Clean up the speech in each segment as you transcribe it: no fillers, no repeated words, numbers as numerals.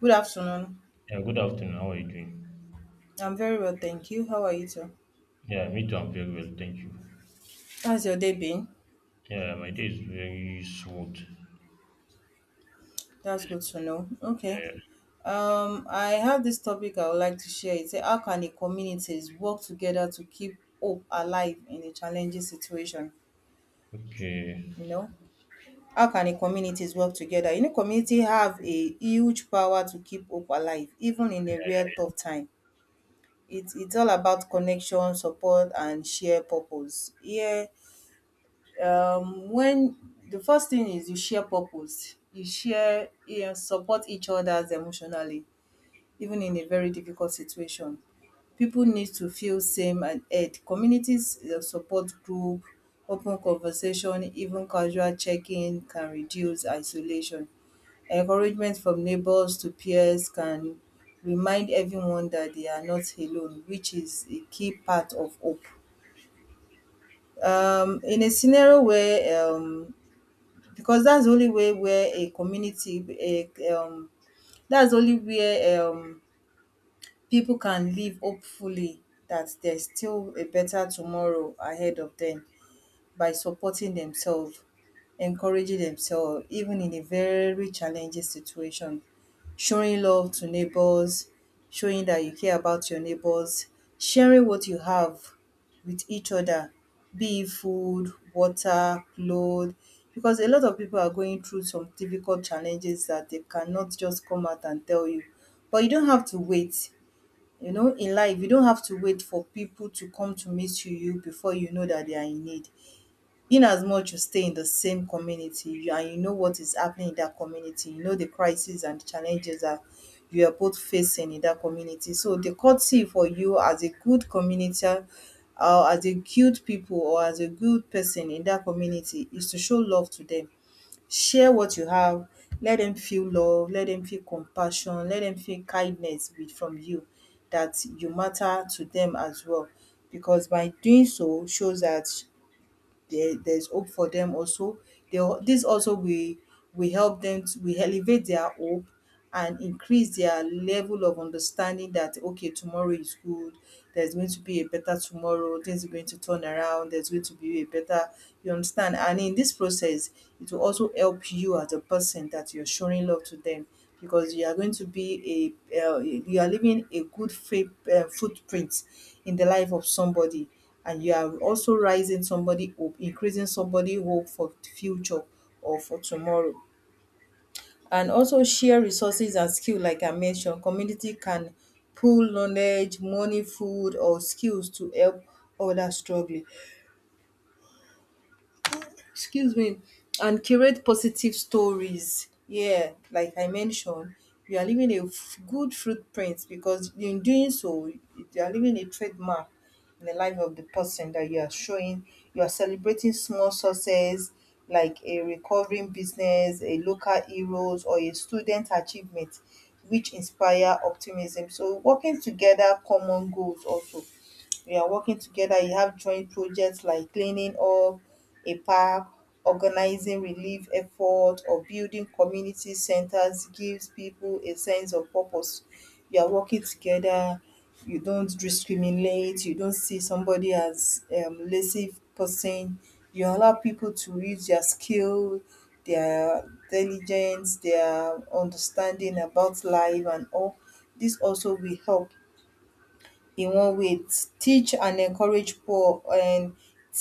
Good afternoon. Yeah, good afternoon. How are you doing? I'm very well, thank you. How are you, sir? Yeah, me too. I'm very well. Thank you. How's your day been? Yeah, my day is very smooth. That's good to know. Okay. Yeah. I have this topic I would like to share. It's how can the communities work together to keep hope alive in a challenging situation? Okay. You know, how can the communities work together? You know, community have a huge power to keep hope alive, even in a real tough time. It's all about connection, support, and shared purpose. Here, when the first thing is you share purpose, you share, you support each others emotionally, even in a very difficult situation, people need to feel same and aid communities, support group, open conversation, even casual checking can reduce isolation. Encouragement from neighbors to peers can remind everyone that they are not alone, which is a key part of hope. In a scenario where Because that's the only way where a community, a that's the only where people can live hopefully, that there's still a better tomorrow ahead of them, by supporting themselves, encouraging themselves, even in a very challenging situation, showing love to neighbors, showing that you care about your neighbors, sharing what you have with each other, be it food, water, clothes, because a lot of people are going through some difficult challenges that they cannot just come out and tell you. But you don't have to wait. You know, in life, you don't have to wait for people to come to meet you before you know that they are in need. In as much you stay in the same community you, and you know what is happening in that community, you know the crisis and the challenges that you are both facing in that community. So the courtesy for you as a good community, as a good people or as a good person in that community, is to show love to them. Share what you have. Let them feel love. Let them feel compassion. Let them feel kindness with, from you, that you matter to them as well. Because by doing so shows that there's hope for them also. This also will help them to, will elevate their hope and increase their level of understanding that okay, tomorrow is good, there's going to be a better tomorrow, things are going to turn around, there's going to be a better, you understand. And in this process, it will also help you as a person that you're showing love to them, because you are going to be a you are leaving a good faith footprint in the life of somebody, and you are also rising somebody up, increasing somebody hope for the future or for tomorrow. And also share resources and skill, like I mentioned. Community can pool knowledge, money, food or skills to help others struggling. Excuse me. And curate positive stories, yeah, like I mentioned, you are leaving a good footprint, because in doing so you are leaving a trademark in the life of the person that you are showing. You are celebrating small success, like a recovering business, a local heroes or a student achievement, which inspire optimism. So working together common goals also, we are working together, you have joint projects like cleaning up a park, organizing relief effort or building community centers, gives people a sense of purpose. You are working together, you don't discriminate, you don't see somebody as lazy person. You allow people to use their skill, their diligence, their understanding about life and all. This also will help Iwọn weight teach and encourage poor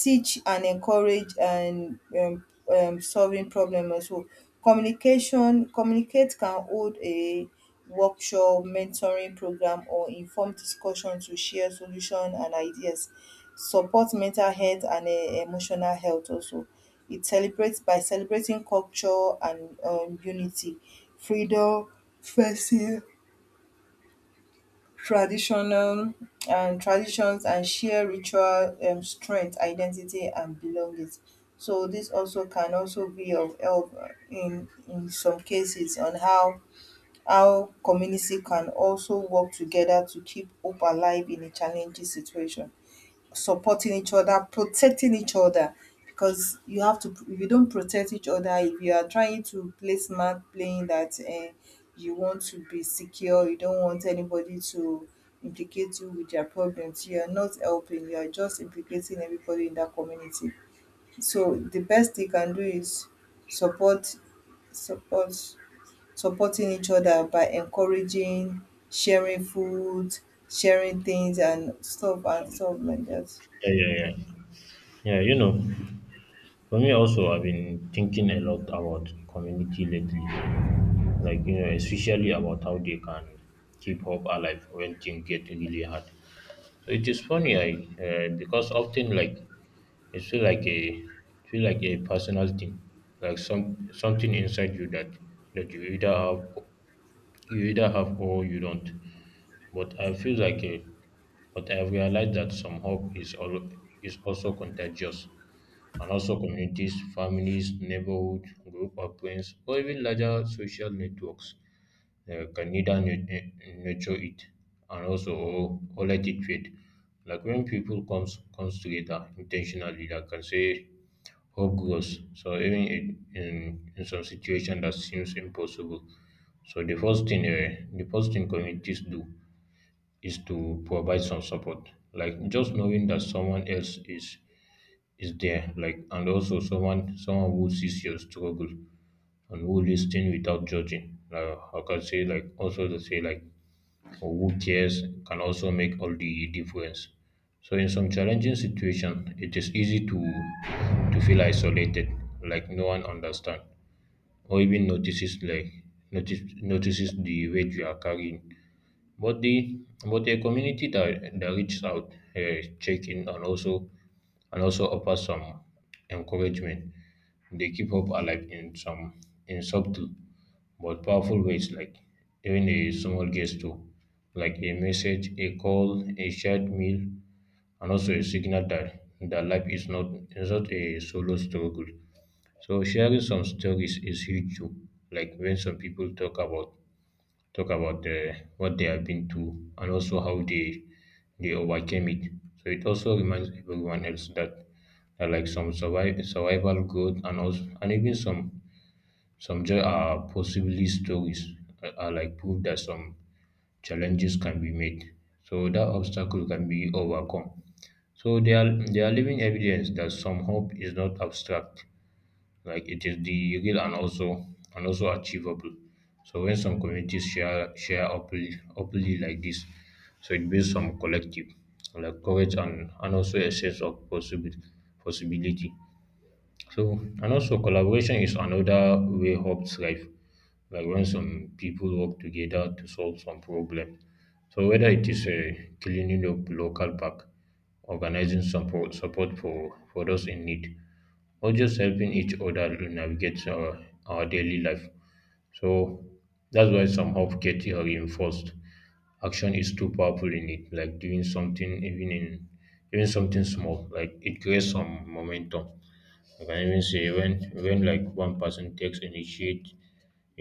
teach and encourage and solving problem also. Communication communicate can hold a workshop, mentoring program or informed discussion to share solution and ideas. Support mental health and emotional health also. It celebrates by celebrating culture and unity, freedom, festive, traditional and traditions, and share ritual strength identity and belonging. So this also can also be of help in some cases on how community can also work together to keep hope alive in a challenging situation, supporting each other, protecting each other. Because you have to, if you don't protect each other, if you are trying to play smart, playing that you want to be secure, you don't want anybody to implicate you with their problems, you are not helping, you are just implicating everybody in that community. So the best they can do is support, support, supporting each other by encouraging, sharing food, sharing things and stuff like that. Yeah, yeah, yeah. Yeah, you know, for me also, I've been thinking a lot about community lately. Like, you know, especially about how they can keep hope alive when things get really hard. So it is funny, I because often like it feel like a personal thing, like something inside you that you either have. You either have or you don't. But I feel like but I've realized that some hope is is also contagious. And also communities, families, neighborhood, group of friends, or even larger social networks can either nurture it and also or let it fade. Like when people comes together intentionally, like I say, hope grows. So even in some situation that seems impossible. So the first thing communities do is to provide some support. Like just knowing that someone else is there, like and also someone who sees your struggle and who listens without judging. Like I can say like also to say like or who cares can also make all the difference. So in some challenging situations, it is easy to feel isolated, like no one understands or even notices the weight you are carrying. But the but a community that reaches out, check in, and also offers some encouragement, they keep hope alive in some in subtle but powerful ways, like even a small gesture, like a message, a call, a shared meal, and also a signal that life is not a solo struggle. So sharing some stories is huge too, like when some people talk about what they have been through and also how they overcame it. So it also reminds everyone else that like survival growth and also and even some joy are possibly stories, are like proof that some challenges can be made. So that obstacle can be overcome. So they are living evidence that some hope is not abstract, like it is the real and also achievable. So when some communities share openly like this, so it builds some collective like courage and also a sense of possible possibility. So and also collaboration is another way hope thrive. Like when some people work together to solve some problem. So whether it is a cleaning up local park, organizing support for those in need, or just helping each other to our daily life. So that's why some hope get reinforced. Action is too powerful in it, like doing something even something small, like it creates some momentum. I can even say when like one person takes initiate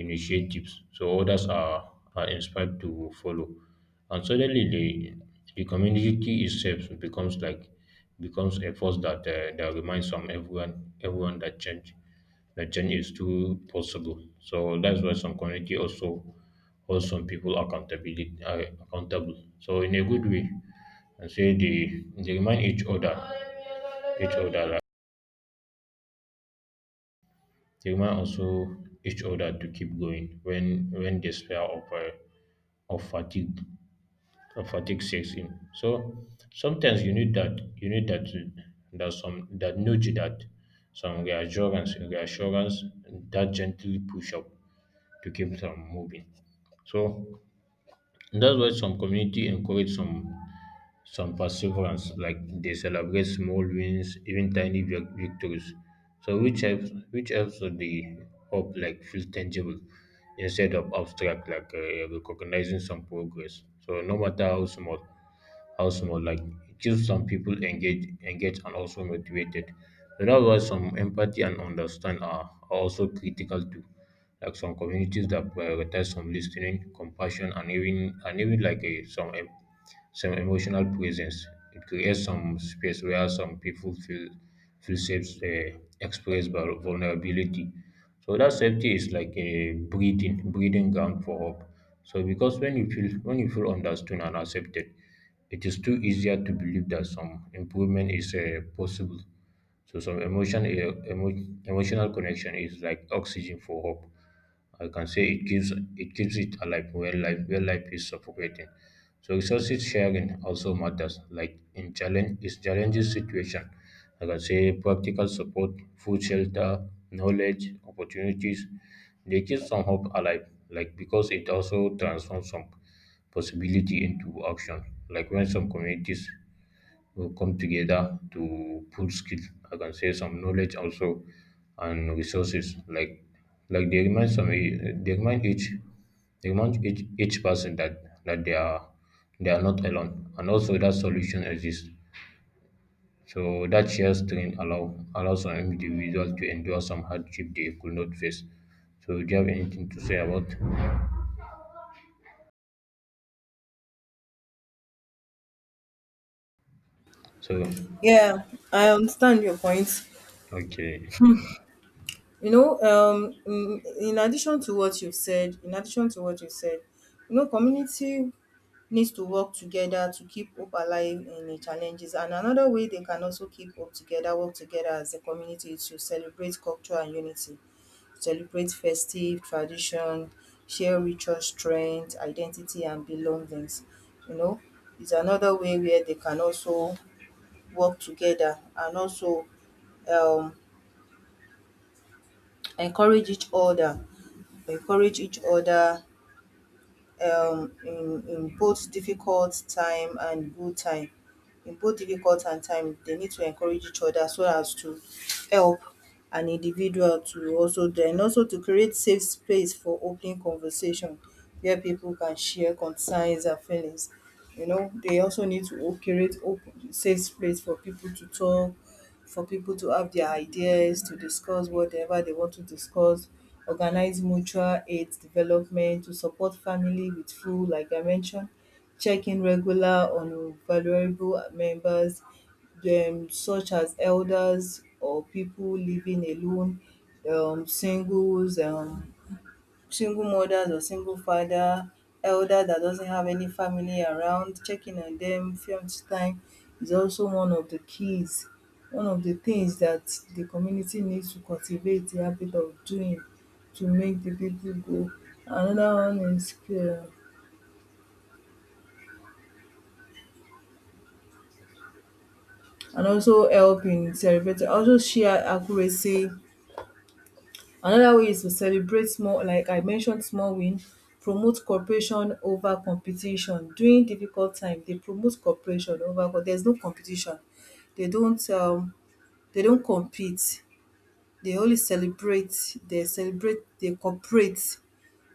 initiatives so others are inspired to follow. And suddenly the community itself becomes a force that reminds some everyone everyone that change is too possible. So that's why some community also hold some people accountability accountable. So in a good way, and say they remind each other, like they remind also each other to keep going when despair of fatigue sets in. So sometimes you need that that some, that nudge, that some reassurance reassurance that gently push up to keep them moving. So that's why some community encourage some perseverance, like they celebrate small wins, even victories. So which helps with the hope like feel tangible instead of abstract, like recognizing some progress. So no matter how small, like it keeps some people engaged and also motivated. So that's why some empathy and understand are also critical too. Like some communities that prioritize some listening, compassion, and some emotional presence. It creates some space where some people feel safe, express vulnerability. So that safety is like a breeding ground for hope. So because when you feel understood and accepted, it is too easier to believe that some improvement is possible. So emotional connection is like oxygen for hope. I can say it gives, it keeps it alive when life is suffocating. So resources sharing also matters. Like in challenge is challenges situation. Like I say, practical support, food, shelter, knowledge, opportunities. They keep some hope alive. Like because it also transforms some possibility into action. Like when some communities will come together to pull skill, I can say some knowledge also and resources like they remind some they remind each each person that they are not alone and also that solution exists, so that shared strength allows an individual to endure some hardship they could not face. So do you have anything to say about? So Yeah, I understand your point. okay. You know, in addition to what you've said, in addition to what you said, you know, community needs to work together to keep hope alive in the challenges. And another way they can also keep hope together, work together as a community, is to celebrate culture and unity, celebrate festive tradition, share ritual strength, identity and belongings. You know, is another way where they can also work together and also um encourage each other, encourage each other in both difficult time and good time. In both difficult and time they need to encourage each other so as to help an individual, to also then also to create safe space for open conversation where people can share concerns and feelings. You know, they also need to create open safe space for people to talk, for people to have their ideas, to discuss whatever they want to discuss, organize mutual aid development, to support family with food, like I mentioned, check in regular on vulnerable members, such as elders or people living alone, singles, single mothers or single father, elder that doesn't have any family around, checking on them few times time is also one of the keys, one of the things that the community needs to cultivate the habit of doing to make the people go. Another one is and also help in celebrating, also share accuracy. Another way is to celebrate small, like I mentioned, small win, promote cooperation over competition. During difficult time they promote cooperation over, but there's no competition. They don't they don't compete, they only celebrate, they cooperate.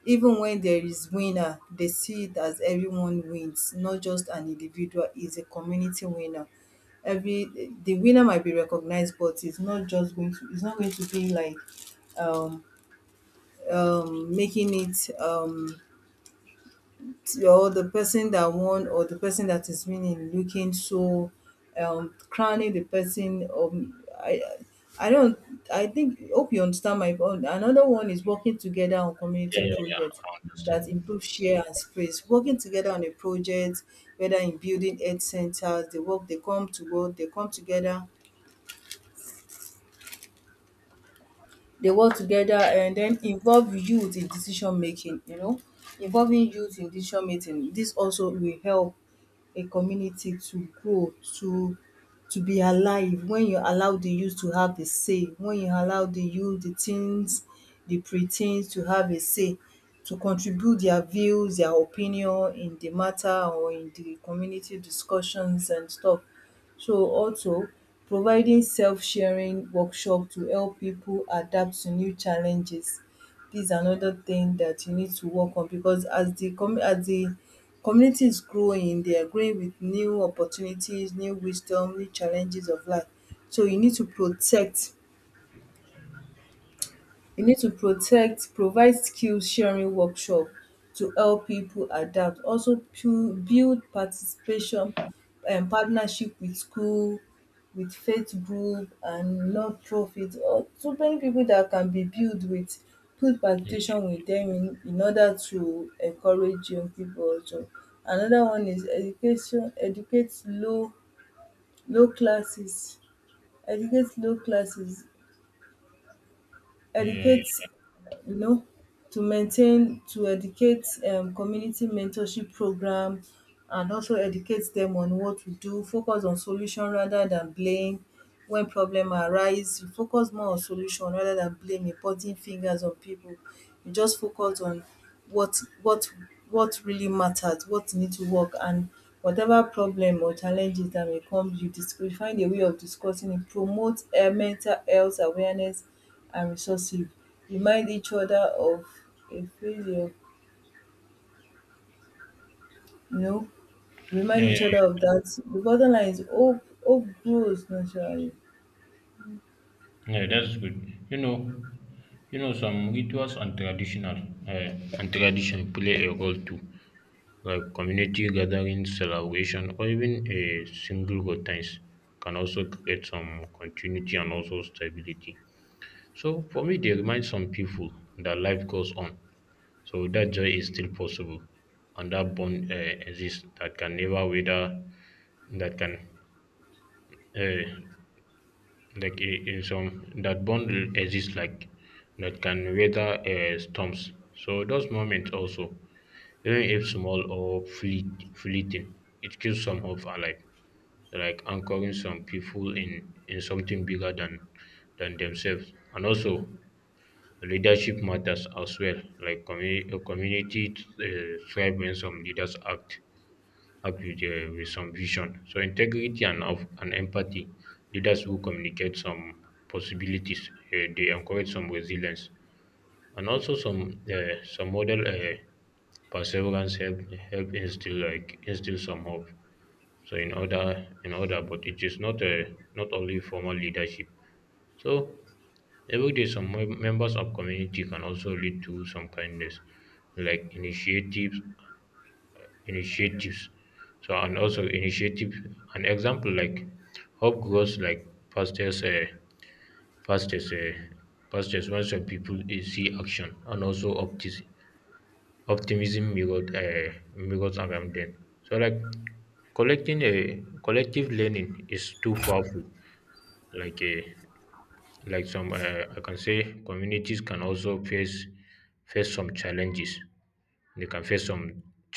Even when there is winner, they see it as everyone wins, not just an individual, is a community winner. Every the winner might be recognized, but it's not just going to, it's not going to be like um making it, or the person that won or the person that is winning looking so crowning the person, I don't. I think hope you understand my point. Another one is working together on Yeah, community yeah, projects yeah. that Understand. improve share and space. Working together on a project, whether in building health centers, they work, they come to work, they come together, they work together, and then involve youth in decision making. You know, involving youth in decision making, this also will help a community to grow, to to be alive. When you allow the youth to have a say, when you allow the youth, the teens, the pre-teens to have a say, to contribute their views, their opinion in the matter or in the community discussions and stuff. So also providing self-sharing workshop to help people adapt to new challenges, dis another thing that you need to work on, because as the community is growing, they are growing with new opportunities, new wisdom, new challenges of life. So you need to protect, you need to protect, provide skill sharing workshop to help people adapt. Also build participation and partnership with school, with faith group and non-profit, or so many people that can be built with, good participation with them, in order to encourage young people. Also. Another one is education, educate low low classes. Educate low classes. Yeah, yeah, Educate. yeah. You know, to maintain, to educate community mentorship program and also educate them on what to do, focus on solution rather than blame. When problem arise, you focus more on solution rather than blame and pointing fingers on people. You just focus on what what what really matters, what need to work, and whatever problem or challenges that may come, you you find a way of discussing it, promote mental health awareness and resoursive. Remind each other of a failure, you know, remind Yeah, each yeah. other of that. The bottom line is hope, hope grows naturally. Yeah, that's good. You know, you know, some rituals and tradition play a role too, like community gatherings, celebration, or even a single go times can also create some continuity and also stability. So for me, they remind some people that life goes on, so that joy is still possible, and that bond exists that can never wither, that can uh, like I- in some that bond exists like that can weather storms. So those moments also, even if small or fleeting, it keeps some hope alive, like anchoring some people in something bigger than themselves. And also leadership matters as well, like a community thrive when some leaders act with some vision. So integrity and empathy, leaders who communicate some possibilities, they encourage some resilience, and also some model perseverance help instill some hope. So but it is not only formal leadership. So every day, some members of community can also lead to some kindness, like initiatives. So and also initiative, an example like hope grows like fastest uh, fastest when some people see action and also optimism mirrored mirrors around them. So like collecting a collective learning is too powerful. Like a like some I can say communities can also face some they can face some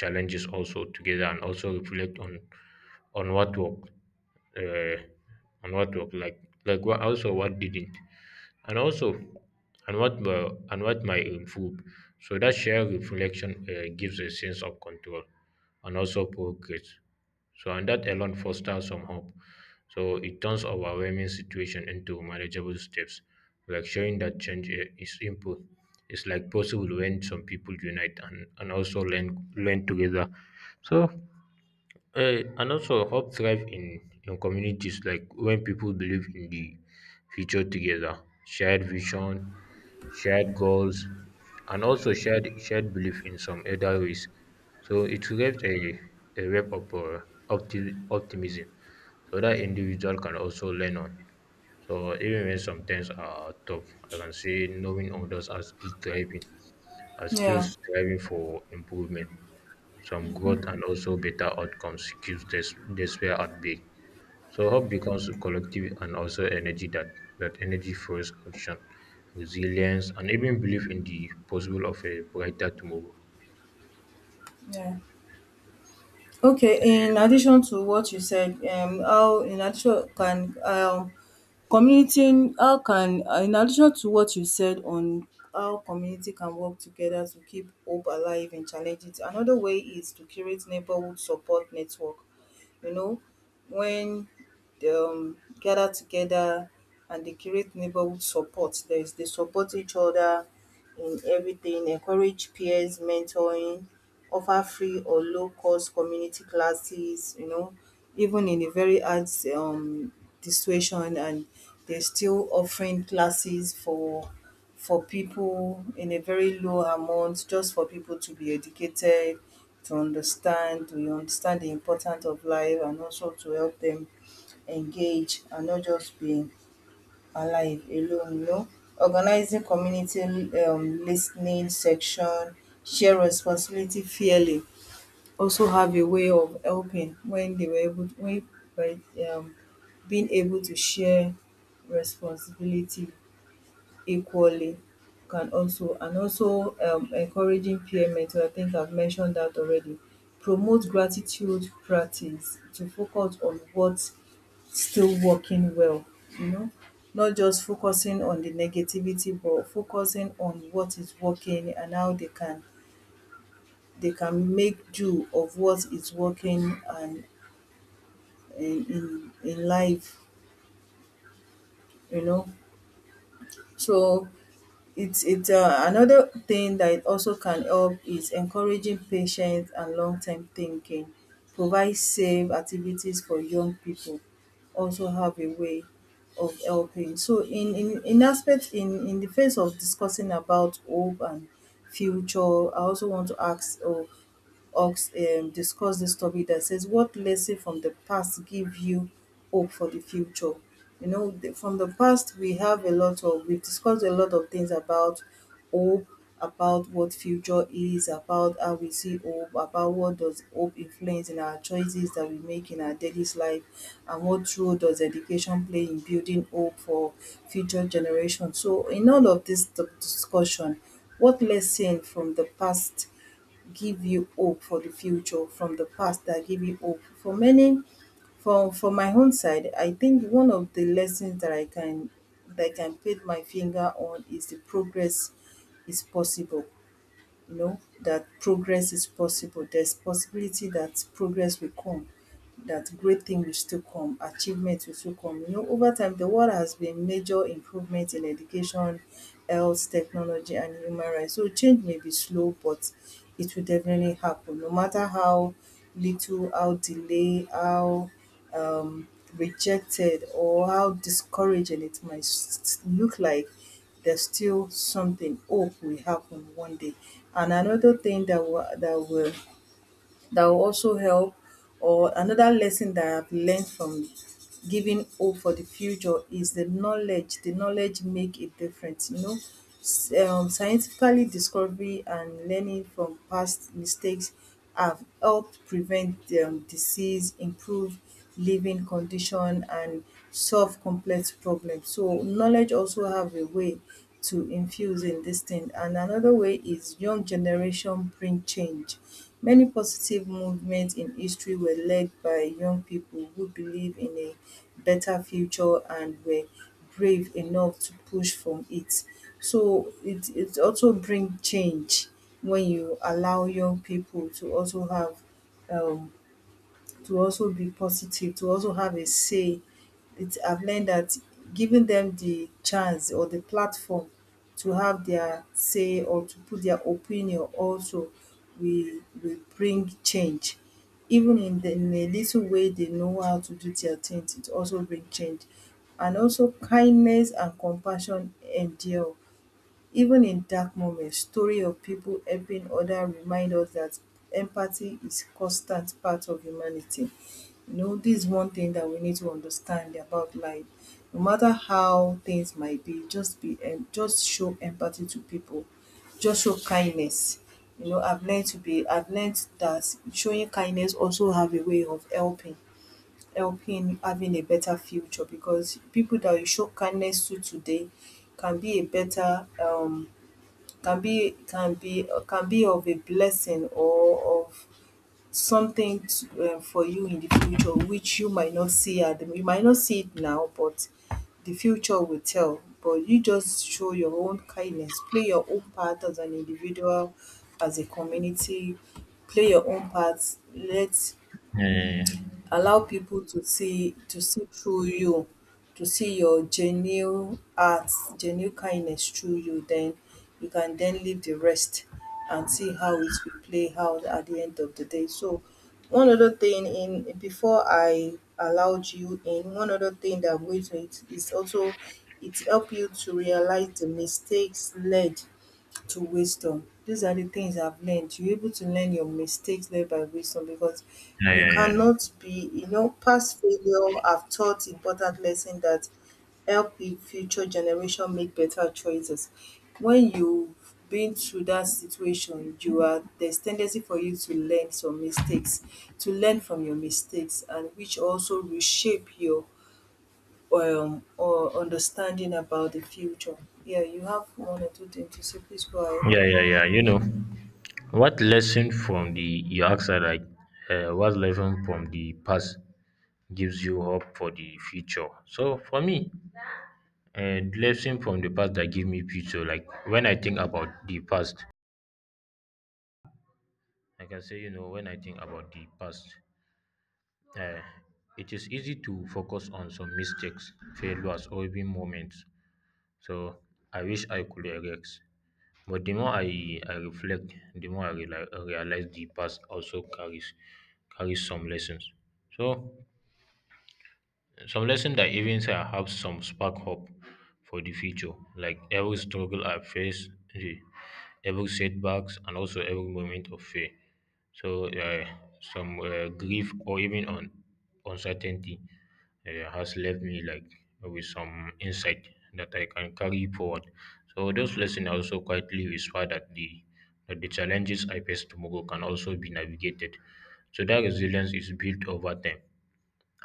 challenges also together and also reflect on what worked, uh, what also what didn't, and also and what my and what might improve. So that shared reflection, gives a sense of control and also progress. So and that alone fosters some hope. So it turns overwhelming situation into manageable steps, like showing that change is improve it's like possible when some people and also learn together. So And also hope thrive in communities, like when people believe in the future together, shared vision, shared goals, and also shared belief in some other ways. So it creates a web of optimism, so that individual can also learn on. So even when some things are tough, I can say knowing others are still thriving, are still Yeah. striving for improvement. Some growth and also better outcomes keeps despair at bay. So hope becomes collective and also energy, that that energy fuels action, resilience, and even belief in the possible of a brighter tomorrow. Yeah. Okay, in addition to what you said, how in addition can community, how can in addition to what you said on how community can work together to keep hope alive in challenges, another way is to create neighborhood support network. You know, when they gather together and they create neighborhood support, there is they support each other in everything, encourage peers, mentoring, offer free or low cost community classes, you know, even in a very hard um situation and they're still offering classes for people in a very low amount just for people to be educated to understand the importance of life and also to help them engage and not just be alive alone, you know, organizing community listening section, share responsibility fairly, also have a way of helping when they were able, when by um being able to share responsibility equally can also. And also encouraging peer mentor, I think I've mentioned that already. Promote gratitude practice to focus on what still working well, you know, not just focusing on the negativity but focusing on what is working and how they can make do of what is working and in life, you know. So it's another thing that it also can help is encouraging patience and long term thinking, provide safe activities for young people, also have a way of helping. So in aspect in the face of discussing about hope and future, I also want to ask, oh, Hawkes, discussed this topic that says, what lesson from the past give you hope for the future? You know, from the past, we have a lot of, we've discussed a lot of things about hope, about what future is, about how we see hope, about what does hope influence in our choices that we make in our daily life, and what role does education play in building hope for future generations. So, in all of this discussion, what lesson from the past give you hope for the future, from the past that give you hope for many, for my own side, I think one of the lessons that I can that I can put my finger on is the progress is possible. You know that progress is possible. There's possibility that progress will come, that great thing will still come, achievement will still come. You know, over time, the world has been major improvement in education, health, technology, and human rights. So change may be slow, but it will definitely happen. No matter how little, how delay, how um, rejected, or how discouraging it might look like, there's still something hope will happen one day. And another thing that will that will also help. Or another lesson that I've learned from giving hope for the future is the knowledge. The knowledge make a difference, you know. Scientifically discovery and learning from past mistakes have helped prevent disease, improve living condition, and solve complex problems. So knowledge also have a way to infuse in this thing. And another way is young generation bring change, many positive movements in history were led by young people who believe in a better future and were brave enough to push from it. So it also bring change when you allow young people to also have um to also be positive, to also have a say. It, I've learned that giving them the chance or the platform to have their say or to put their opinion also will bring change. Even in, the, in a little way they know how to do their things, it also bring change. And also kindness and compassion endure even in dark moments, story of people helping oda remind us that empathy is constant part of humanity. You know, this is one thing that we need to understand about life. No matter how things might be, just be just show empathy to people, just show kindness. You know, I've learned that showing kindness also have a way of helping, helping having a better future, because people that you show kindness to today can be a better can be can be of a blessing or of something to, for you in the future, which you might not see it now, but the future will tell. But you just show your own kindness, play your own part as an individual, as a community, play your own part, let Yeah, yeah, yeah. allow people to see, to see through you, to see your genuine heart, genuine kindness through you. Then, you can then leave the rest and see how it will play out at the end of the day. So one other thing, in before I allowed you in one other thing that I'm going to, it is also it help you to realise the mistakes led to wisdom. These are the things I've learned. You're able to learn your mistakes led by wisdom, because Yeah, you yeah, yeah. cannot be, you know, past failure have taught important lesson that help the future generation make better choices. When you've been through that situation, you are, there's tendency for you to learn some mistakes, to learn from your mistakes, and which also reshape your or understanding about the future. Yeah, you have one or two things to say. Please go ahead. Yeah, yeah, yeah. You know, what lesson from the you asked that like, what lesson from the past gives you hope for the future? So for me, the lesson from the past that give me future. Like when I think about the past, I can say you know when I think about the past, uh, it is easy to focus on some mistakes, failures, or even moments. So I wish I could relax. But the more I reflect, the more I realize the past also carries some lessons. So some lessons that even say I have some spark hope for the future, like every struggle I face, eh, every setbacks, and also every moment of fear. So some grief or even uncertainty has left me like with some insight that I can carry forward. So those lessons also quietly whisper that the challenges I face tomorrow can also be navigated. So that resilience is built over time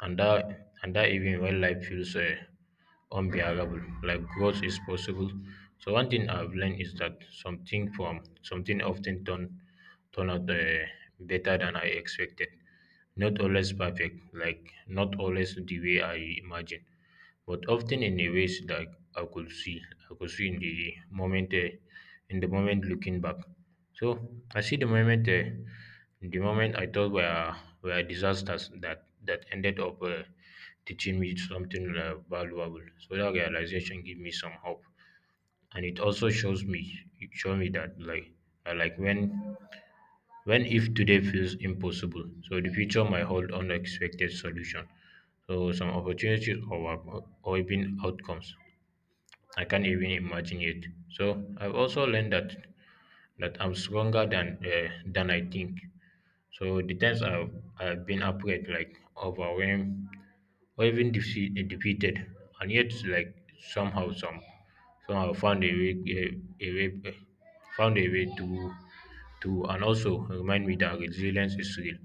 and that even when life feels unbearable, like growth is possible. So one thing I've learned is that something often turn out better than I expected, not always perfect, like not always the way I imagine, but often in a ways that I could I could see in the moment, looking back. So I see the moment I thought were disasters that that ended up teaching me something valuable. So that realization gave me some hope, and it also it showed me that like, uh, like when when if today feels impossible, so the future might hold unexpected solution, so some opportunities or even outcomes I can't even imagine yet. So I've also learned that I'm stronger than, than I think. So the times I've been afraid, like overwhelmed or even defeated, and yet like somehow some somehow found a way found a way to and also remind me that resilience is real.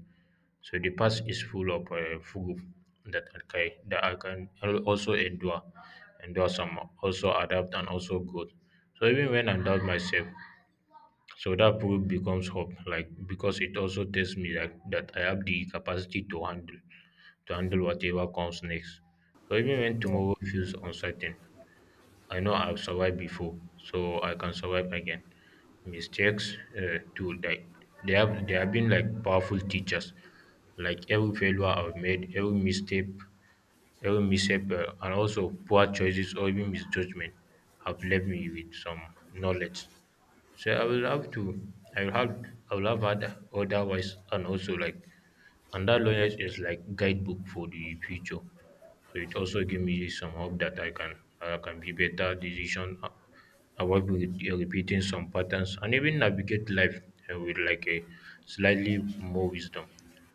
So the past is full of proof that I can also endure some, also adapt and also grow. So even when I doubt myself, so that proof becomes hope, like because it also tells me like that I have the capacity to handle whatever comes next. So even when Yeah. tomorrow feels uncertain, I know I've survived before, so I can survive again. Mistakes, too, like they have been like powerful teachers. Like every failure I've made, every every misstep, and also poor choices or even misjudgment have left me with some knowledge. So I will have to, I will have, I will have other, otherwise, and that knowledge is like guidebook for the future. So it also give me some hope I can be better decision, avoid repeating some patterns, and even navigate life with like a slightly more wisdom.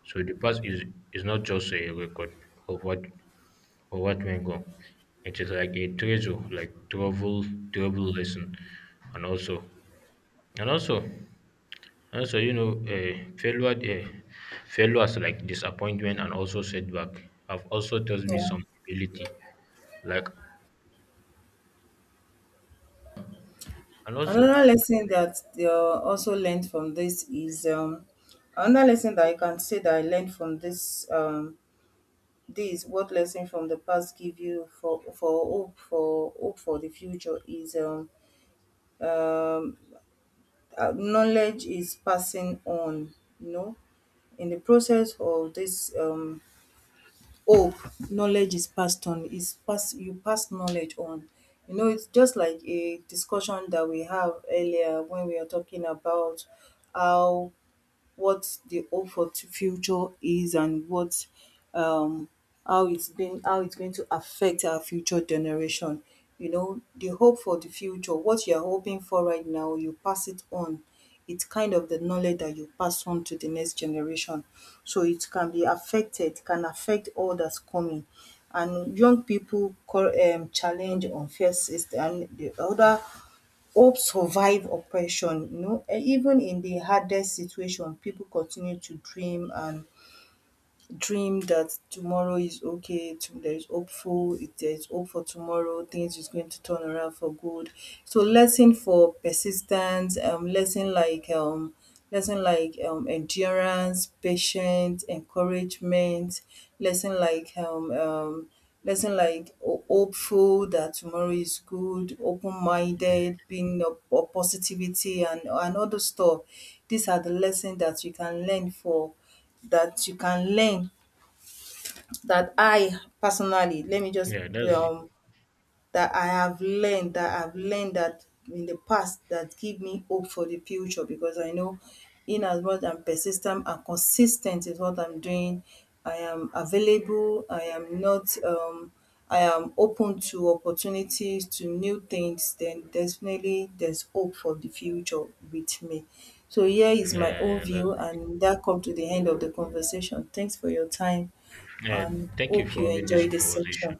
So the past is not just a record of what of what went wrong. It is like a treasure, like travel lesson, and and also, also, you know, uh, failures like disappointment and also setback have also taught me Yeah. some humility. Like, and also, Another lesson that they also learned from this is another lesson that I can say that I learned from this um, what lesson from the past give you for hope for hope for the future is um, knowledge is passing on. You know, in the process of this oh, knowledge is passed on, is pass, you pass knowledge on. You know, it's just like a discussion that we have earlier when we are talking about how, what the hope for future is, and what um how it's been, how it's going to affect our future generation. You know, the hope for the future, what you're hoping for right now, you pass it on. It's kind of the knowledge that you pass on to the next generation, so it can be affected, can affect others coming. And young people call challenge unfair system, and the other, hope survive oppression, you know, even in the hardest situation people continue to dream and dream that tomorrow is okay there is hopeful, if there is hope for tomorrow things is going to turn around for good. So lesson for persistence, um lesson like um lesson like endurance, patience, encouragement, lesson like um um lesson like hopeful that tomorrow is good, open minded, being of positivity and all those stuff. These are the lessons that you can learn for, that you can learn, that I personally, let me just yeah, that's it. um that I have learned, that I've learned that in the past, that give me hope for the future, because I know, in as much I'm persistent and consistent is what I'm doing. I am available. I am not I am open to opportunities, to new things, then definitely there's hope for the future with me. So here is my own Yeah, that's view, it. and that come to the end of the conversation. Thanks for your time Yeah, and thank you hope for you having this enjoy this conversation. section.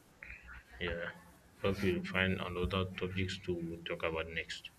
Yeah, hope you'll find another topics to talk about next.